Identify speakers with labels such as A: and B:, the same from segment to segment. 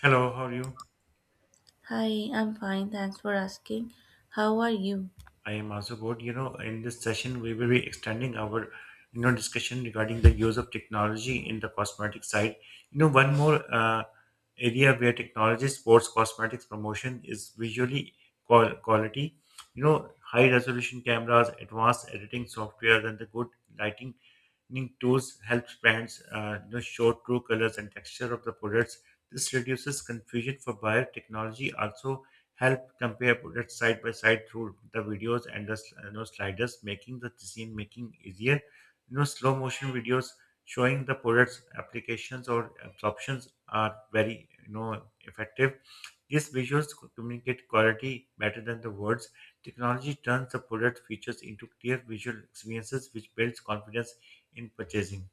A: Hello, how are you?
B: Hi, I'm fine. Thanks for asking. How are you?
A: I am also good. In this session, we will be extending our discussion regarding the use of technology in the cosmetic side. One more area where technology supports cosmetics promotion is visually quality. High resolution cameras, advanced editing software, and the good lighting Ning tools helps brands show true colors and texture of the products. This reduces confusion for buyer. Technology also help compare products side by side through the videos and the sliders, making the decision making easier. Slow motion videos showing the products applications or absorptions are very effective. These visuals communicate quality better than the words. Technology turns the product features into clear visual experiences, which builds confidence in purchasing.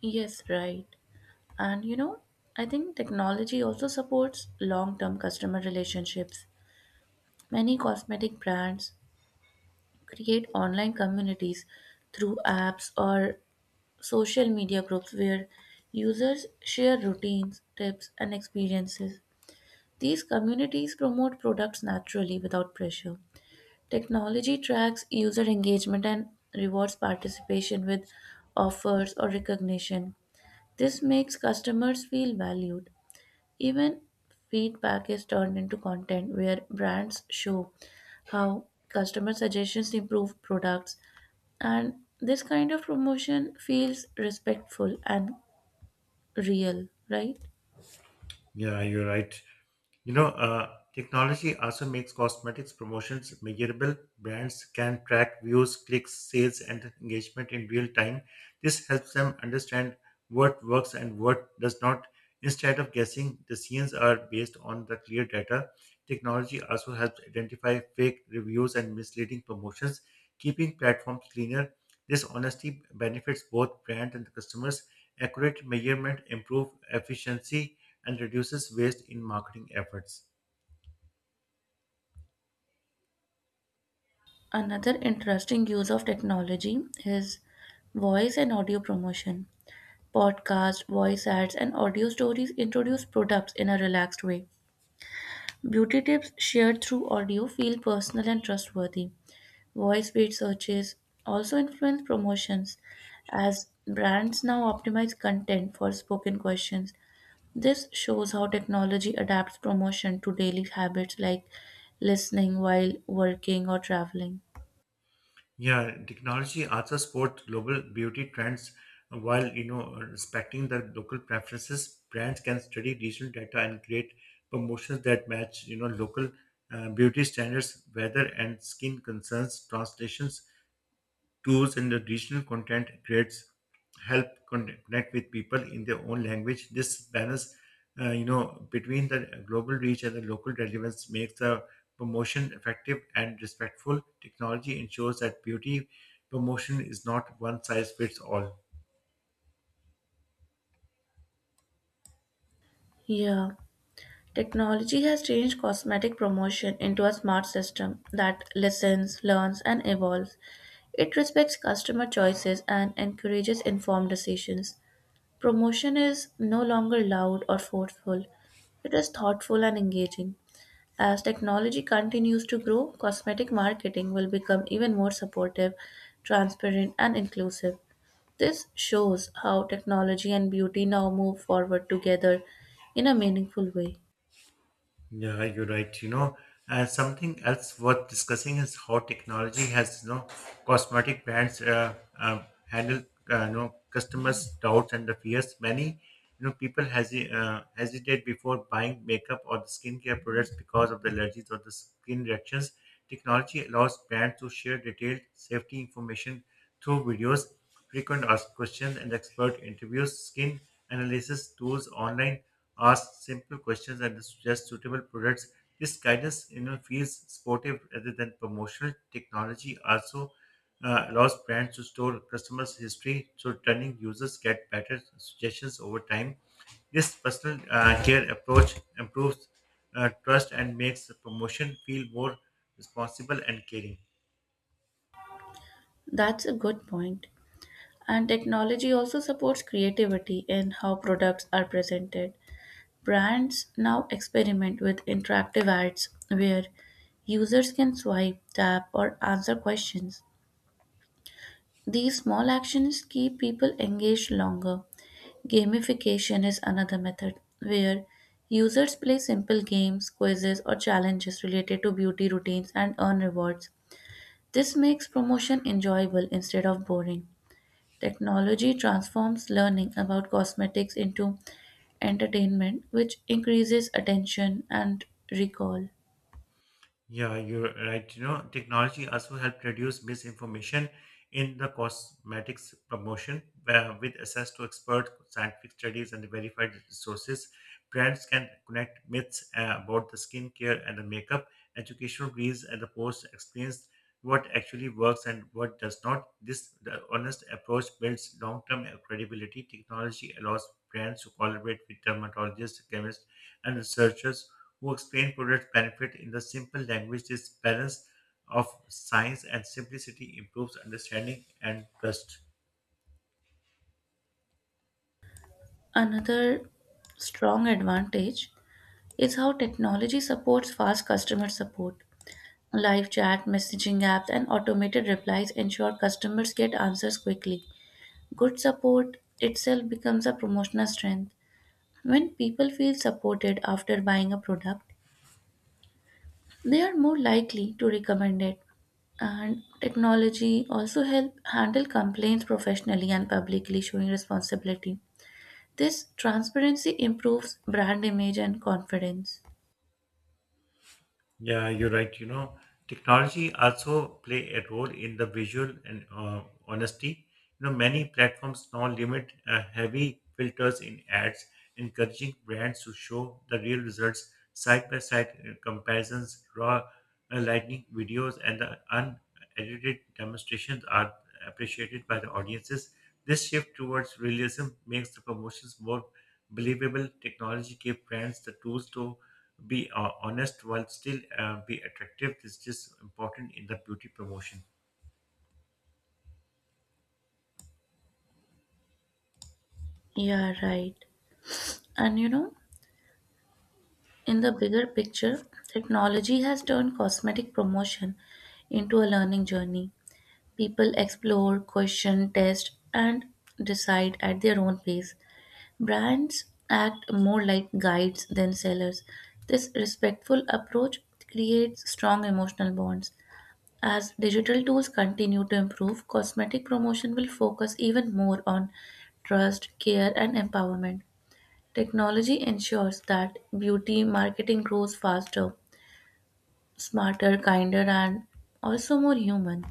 B: Yes, right. And you know, I think technology also supports long term customer relationships. Many cosmetic brands create online communities through apps or social media groups where users share routines, tips, and experiences. These communities promote products naturally without pressure. Technology tracks user engagement and rewards participation with offers or recognition. This makes customers feel valued. Even feedback is turned into content where brands show how customer suggestions improve products, and this kind of promotion feels respectful and real, right?
A: Yeah, you're right. You know, uh, Technology also makes cosmetics promotions measurable. Brands can track views, clicks, sales, and engagement in real time. This helps them understand what works and what does not. Instead of guessing, decisions are based on the clear data. Technology also helps identify fake reviews and misleading promotions, keeping platforms cleaner. This honesty benefits both brands and customers. Accurate measurement improves efficiency and reduces waste in marketing efforts.
B: Another interesting use of technology is voice and audio promotion. Podcasts, voice ads, and audio stories introduce products in a relaxed way. Beauty tips shared through audio feel personal and trustworthy. Voice paid searches also influence promotions as brands now optimize content for spoken questions. This shows how technology adapts promotion to daily habits like listening while working or traveling.
A: Yeah, technology also supports global beauty trends while respecting the local preferences. Brands can study regional data and create promotions that match local beauty standards, weather, and skin concerns. Translations tours and the regional content creates help connect with people in their own language. This balance, between the global reach and the local relevance makes the promotion effective and respectful. Technology ensures that beauty promotion is not one size fits all.
B: Yeah. Technology has changed cosmetic promotion into a smart system that listens, learns, and evolves. It respects customer choices and encourages informed decisions. Promotion is no longer loud or forceful, it is thoughtful and engaging. As technology continues to grow, cosmetic marketing will become even more supportive, transparent, and inclusive. This shows how technology and beauty now move forward together in a meaningful way.
A: Yeah, you're right. Something else worth discussing is how technology has, cosmetic brands handle, customers' doubts and the fears. Many people hesitate before buying makeup or the skincare products because of the allergies or the skin reactions. Technology allows brands to share detailed safety information through videos frequent asked questions and expert interviews, skin analysis tools online, ask simple questions and suggest suitable products. This guidance feels supportive rather than promotional. Technology also allows brands to store customers' history, so turning users get better suggestions over time. This personal care approach improves trust and makes the promotion feel more responsible and caring.
B: That's a good point. And technology also supports creativity in how products are presented. Brands now experiment with interactive ads where users can swipe, tap, or answer questions. These small actions keep people engaged longer. Gamification is another method where users play simple games, quizzes, or challenges related to beauty routines and earn rewards. This makes promotion enjoyable instead of boring. Technology transforms learning about cosmetics into entertainment, which increases attention and recall.
A: Yeah, you're right. Technology also helped reduce misinformation in the cosmetics promotion, where with access to expert scientific studies and verified resources, brands can connect myths about the skincare and the makeup, educational reels, and the post explains what actually works and what does not. This the honest approach builds long-term credibility. Technology allows brands to collaborate with dermatologists, chemists, and researchers who explained product benefit in the simple language. This balance of science and simplicity improves understanding and trust.
B: Another strong advantage is how technology supports fast customer support. Live chat, messaging apps, and automated replies ensure customers get answers quickly. Good support itself becomes a promotional strength. When people feel supported after buying a product, they are more likely to recommend it. And technology also help handle complaints professionally and publicly, showing responsibility. This transparency improves brand image and confidence.
A: Yeah, you're right. Technology also play a role in the visual and honesty. Many platforms now limit heavy filters in ads, encouraging brands to show the real results, side by side comparisons, raw lightning videos, and the unedited demonstrations are appreciated by the audiences. This shift towards realism makes the promotions more believable. Technology gives brands the tools to be honest while still be attractive. This is important in the beauty promotion.
B: Yeah, right. And you know, in the bigger picture, technology has turned cosmetic promotion into a learning journey. People explore, question, test, and decide at their own pace. Brands act more like guides than sellers. This respectful approach creates strong emotional bonds. As digital tools continue to improve, cosmetic promotion will focus even more on trust, care, and empowerment. Technology ensures that beauty marketing grows faster, smarter, kinder, and also more human.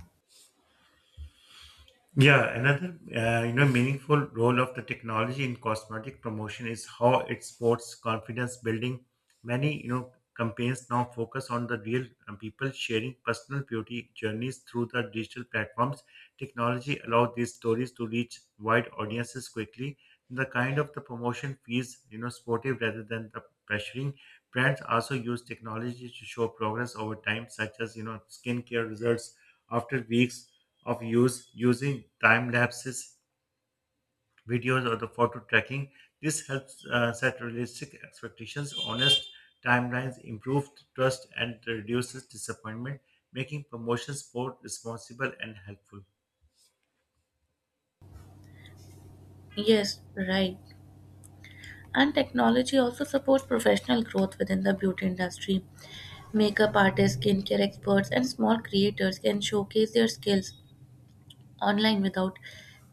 A: Yeah, another meaningful role of the technology in cosmetic promotion is how it supports confidence building. Many campaigns now focus on the real people sharing personal beauty journeys through the digital platforms. Technology allows these stories to reach wide audiences quickly. The kind of the promotion feels sportive rather than the pressuring. Brands also use technology to show progress over time, such as skincare results after weeks of use, using time lapses, videos, or the photo tracking. This helps set realistic expectations, honest timelines, improve trust, and reduces disappointment, making promotions both responsible and helpful.
B: Yes, right. And technology also supports professional growth within the beauty industry. Makeup artists, skincare experts, and small creators can showcase their skills online without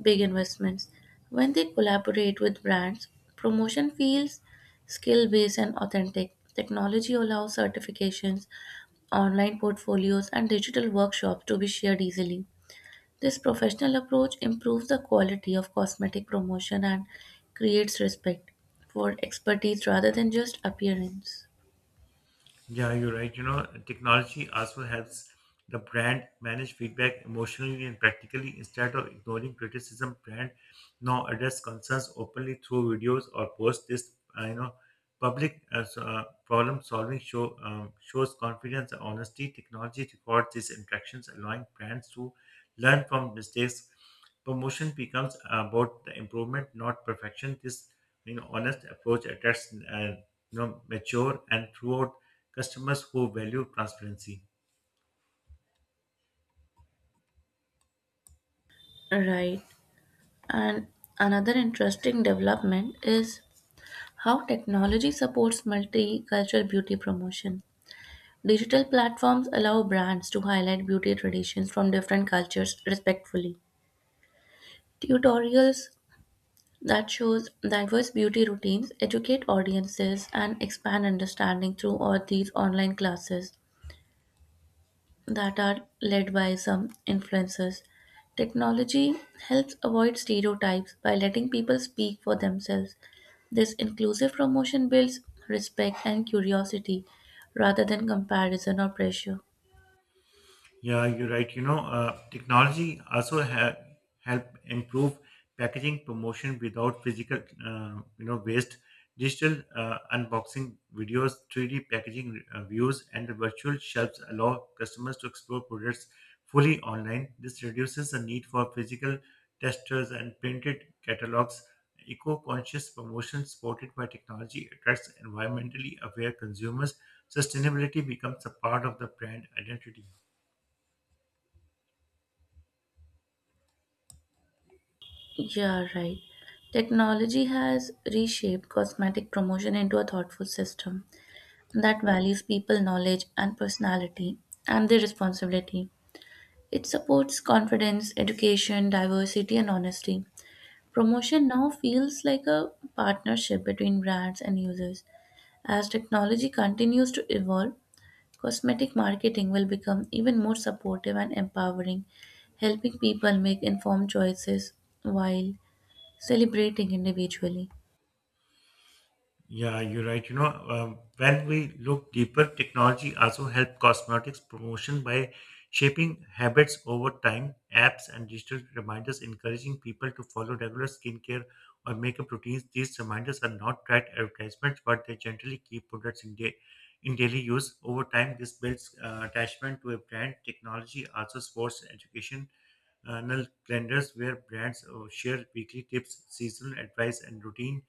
B: big investments. When they collaborate with brands, promotion feels skill based and authentic. Technology allows certifications, online portfolios, and digital workshops to be shared easily. This professional approach improves the quality of cosmetic promotion and creates respect for expertise rather than just appearance.
A: Yeah, you're right. Technology also helps the brand manage feedback emotionally and practically instead of ignoring criticism. Brand now address concerns openly through videos or posts. This public problem solving shows confidence and honesty. Technology records these interactions, allowing brands to learn from mistakes. Promotion becomes about the improvement, not perfection. This honest approach attracts mature and throughout customers who value transparency.
B: Right. And another interesting development is how technology supports multicultural beauty promotion. Digital platforms allow brands to highlight beauty traditions from different cultures respectfully. Tutorials that shows diverse beauty routines educate audiences and expand understanding through all these online classes that are led by some influencers. Technology helps avoid stereotypes by letting people speak for themselves. This inclusive promotion builds respect and curiosity rather than comparison or pressure.
A: Yeah, you're right. Technology also help improve packaging promotion without physical waste. Digital unboxing videos, 3D packaging views, and the virtual shelves allow customers to explore products fully online. This reduces the need for physical testers and printed catalogs. Eco-conscious promotion supported by technology attracts environmentally aware consumers. Sustainability becomes a part of the brand identity.
B: Yeah, right. Technology has reshaped cosmetic promotion into a thoughtful system that values people knowledge and personality and their responsibility. It supports confidence, education, diversity, and honesty. Promotion now feels like a partnership between brands and users. As technology continues to evolve, cosmetic marketing will become even more supportive and empowering, helping people make informed choices while celebrating individually.
A: Yeah, you're right. When we look deeper, technology also help cosmetics promotion by shaping habits over time. Apps and digital reminders encouraging people to follow regular skincare or makeup routines. These reminders are not tracked advertisements, but they generally keep products in daily use. Over time, this builds attachment to a brand. Technology also supports education. Annual calendars where brands share weekly tips, seasonal advice, and routine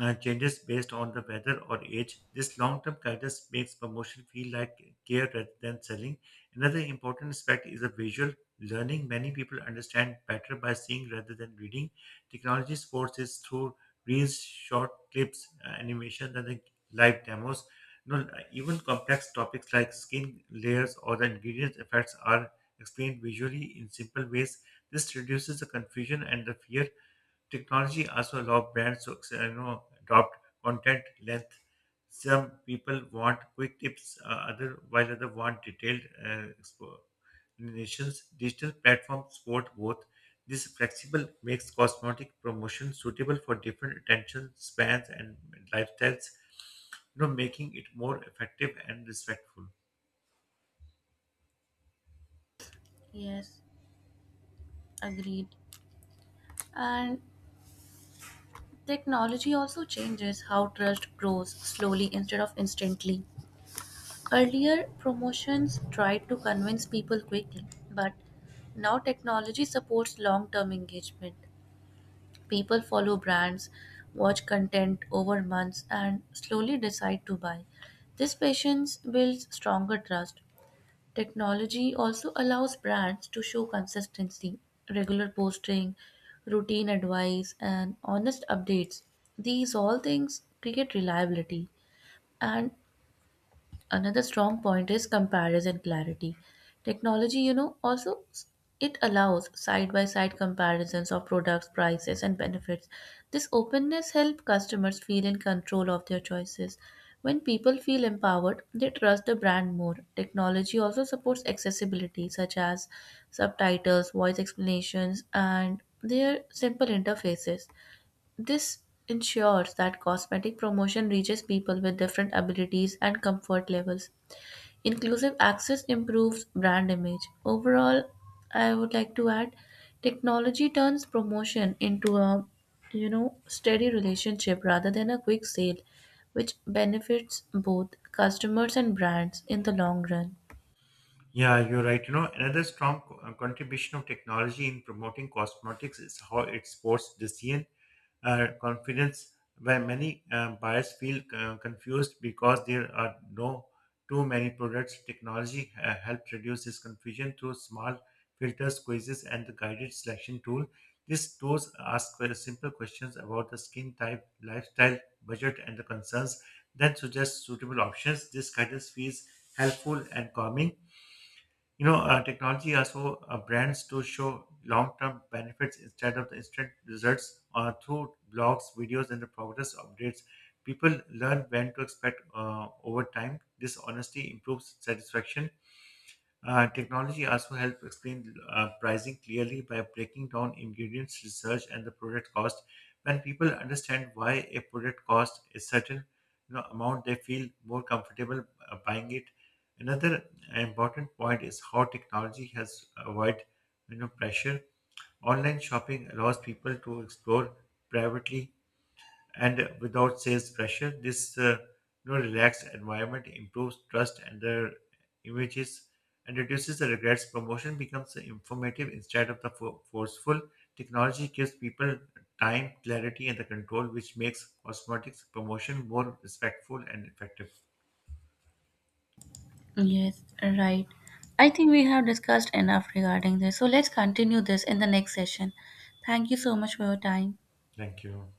A: changes based on the weather or age. This long term guidance makes promotion feel like care rather than selling. Another important aspect is a visual learning. Many people understand better by seeing rather than reading. Technology forces through reels, short clips, animation, and the live demos. You know, Even complex topics like skin layers or the ingredients effects are explained visually in simple ways. This reduces the confusion and the fear. Technology also allows brands to adopt content length. Some people want quick tips, other while other want detailed explanations. Digital platforms support both. This flexible makes cosmetic promotion suitable for different attention spans and lifestyles, making it more effective and respectful.
B: Yes, agreed. And technology also changes how trust grows slowly instead of instantly. Earlier, promotions tried to convince people quickly, but now technology supports long term engagement. People follow brands, watch content over months, and slowly decide to buy. This patience builds stronger trust. Technology also allows brands to show consistency, regular posting, routine advice, and honest updates. These all things create reliability. And another strong point is comparison clarity. Technology, it allows side by side comparisons of products, prices, and benefits. This openness helps customers feel in control of their choices. When people feel empowered, they trust the brand more. Technology also supports accessibility, such as subtitles, voice explanations, and their simple interfaces. This ensures that cosmetic promotion reaches people with different abilities and comfort levels. Inclusive access improves brand image. Overall, I would like to add, technology turns promotion into a, steady relationship rather than a quick sale, which benefits both customers and brands in the long run.
A: Yeah, you're right. Another strong contribution of technology in promoting cosmetics is how it supports decision, confidence, where many buyers feel confused because there are no too many products. Technology helped reduce this confusion through small filters, quizzes, and the guided selection tool. These tools ask very simple questions about the skin type, lifestyle, budget, and the concerns, then suggest suitable options. This guidance feels helpful and calming. Technology also brands to show long-term benefits instead of the instant results through blogs, videos, and the progress updates. People learn when to expect over time. This honesty improves satisfaction. Technology also helps explain pricing clearly by breaking down ingredients, research, and the product cost. When people understand why a product costs a certain amount, they feel more comfortable buying it. Another important point is how technology has avoid pressure. Online shopping allows people to explore privately and without sales pressure. This relaxed environment improves trust and the images and reduces the regrets. Promotion becomes informative instead of the forceful. Technology gives people time, clarity, and the control, which makes cosmetics promotion more respectful and effective.
B: Yes, right. I think we have discussed enough regarding this. So let's continue this in the next session. Thank you so much for your time.
A: Thank you.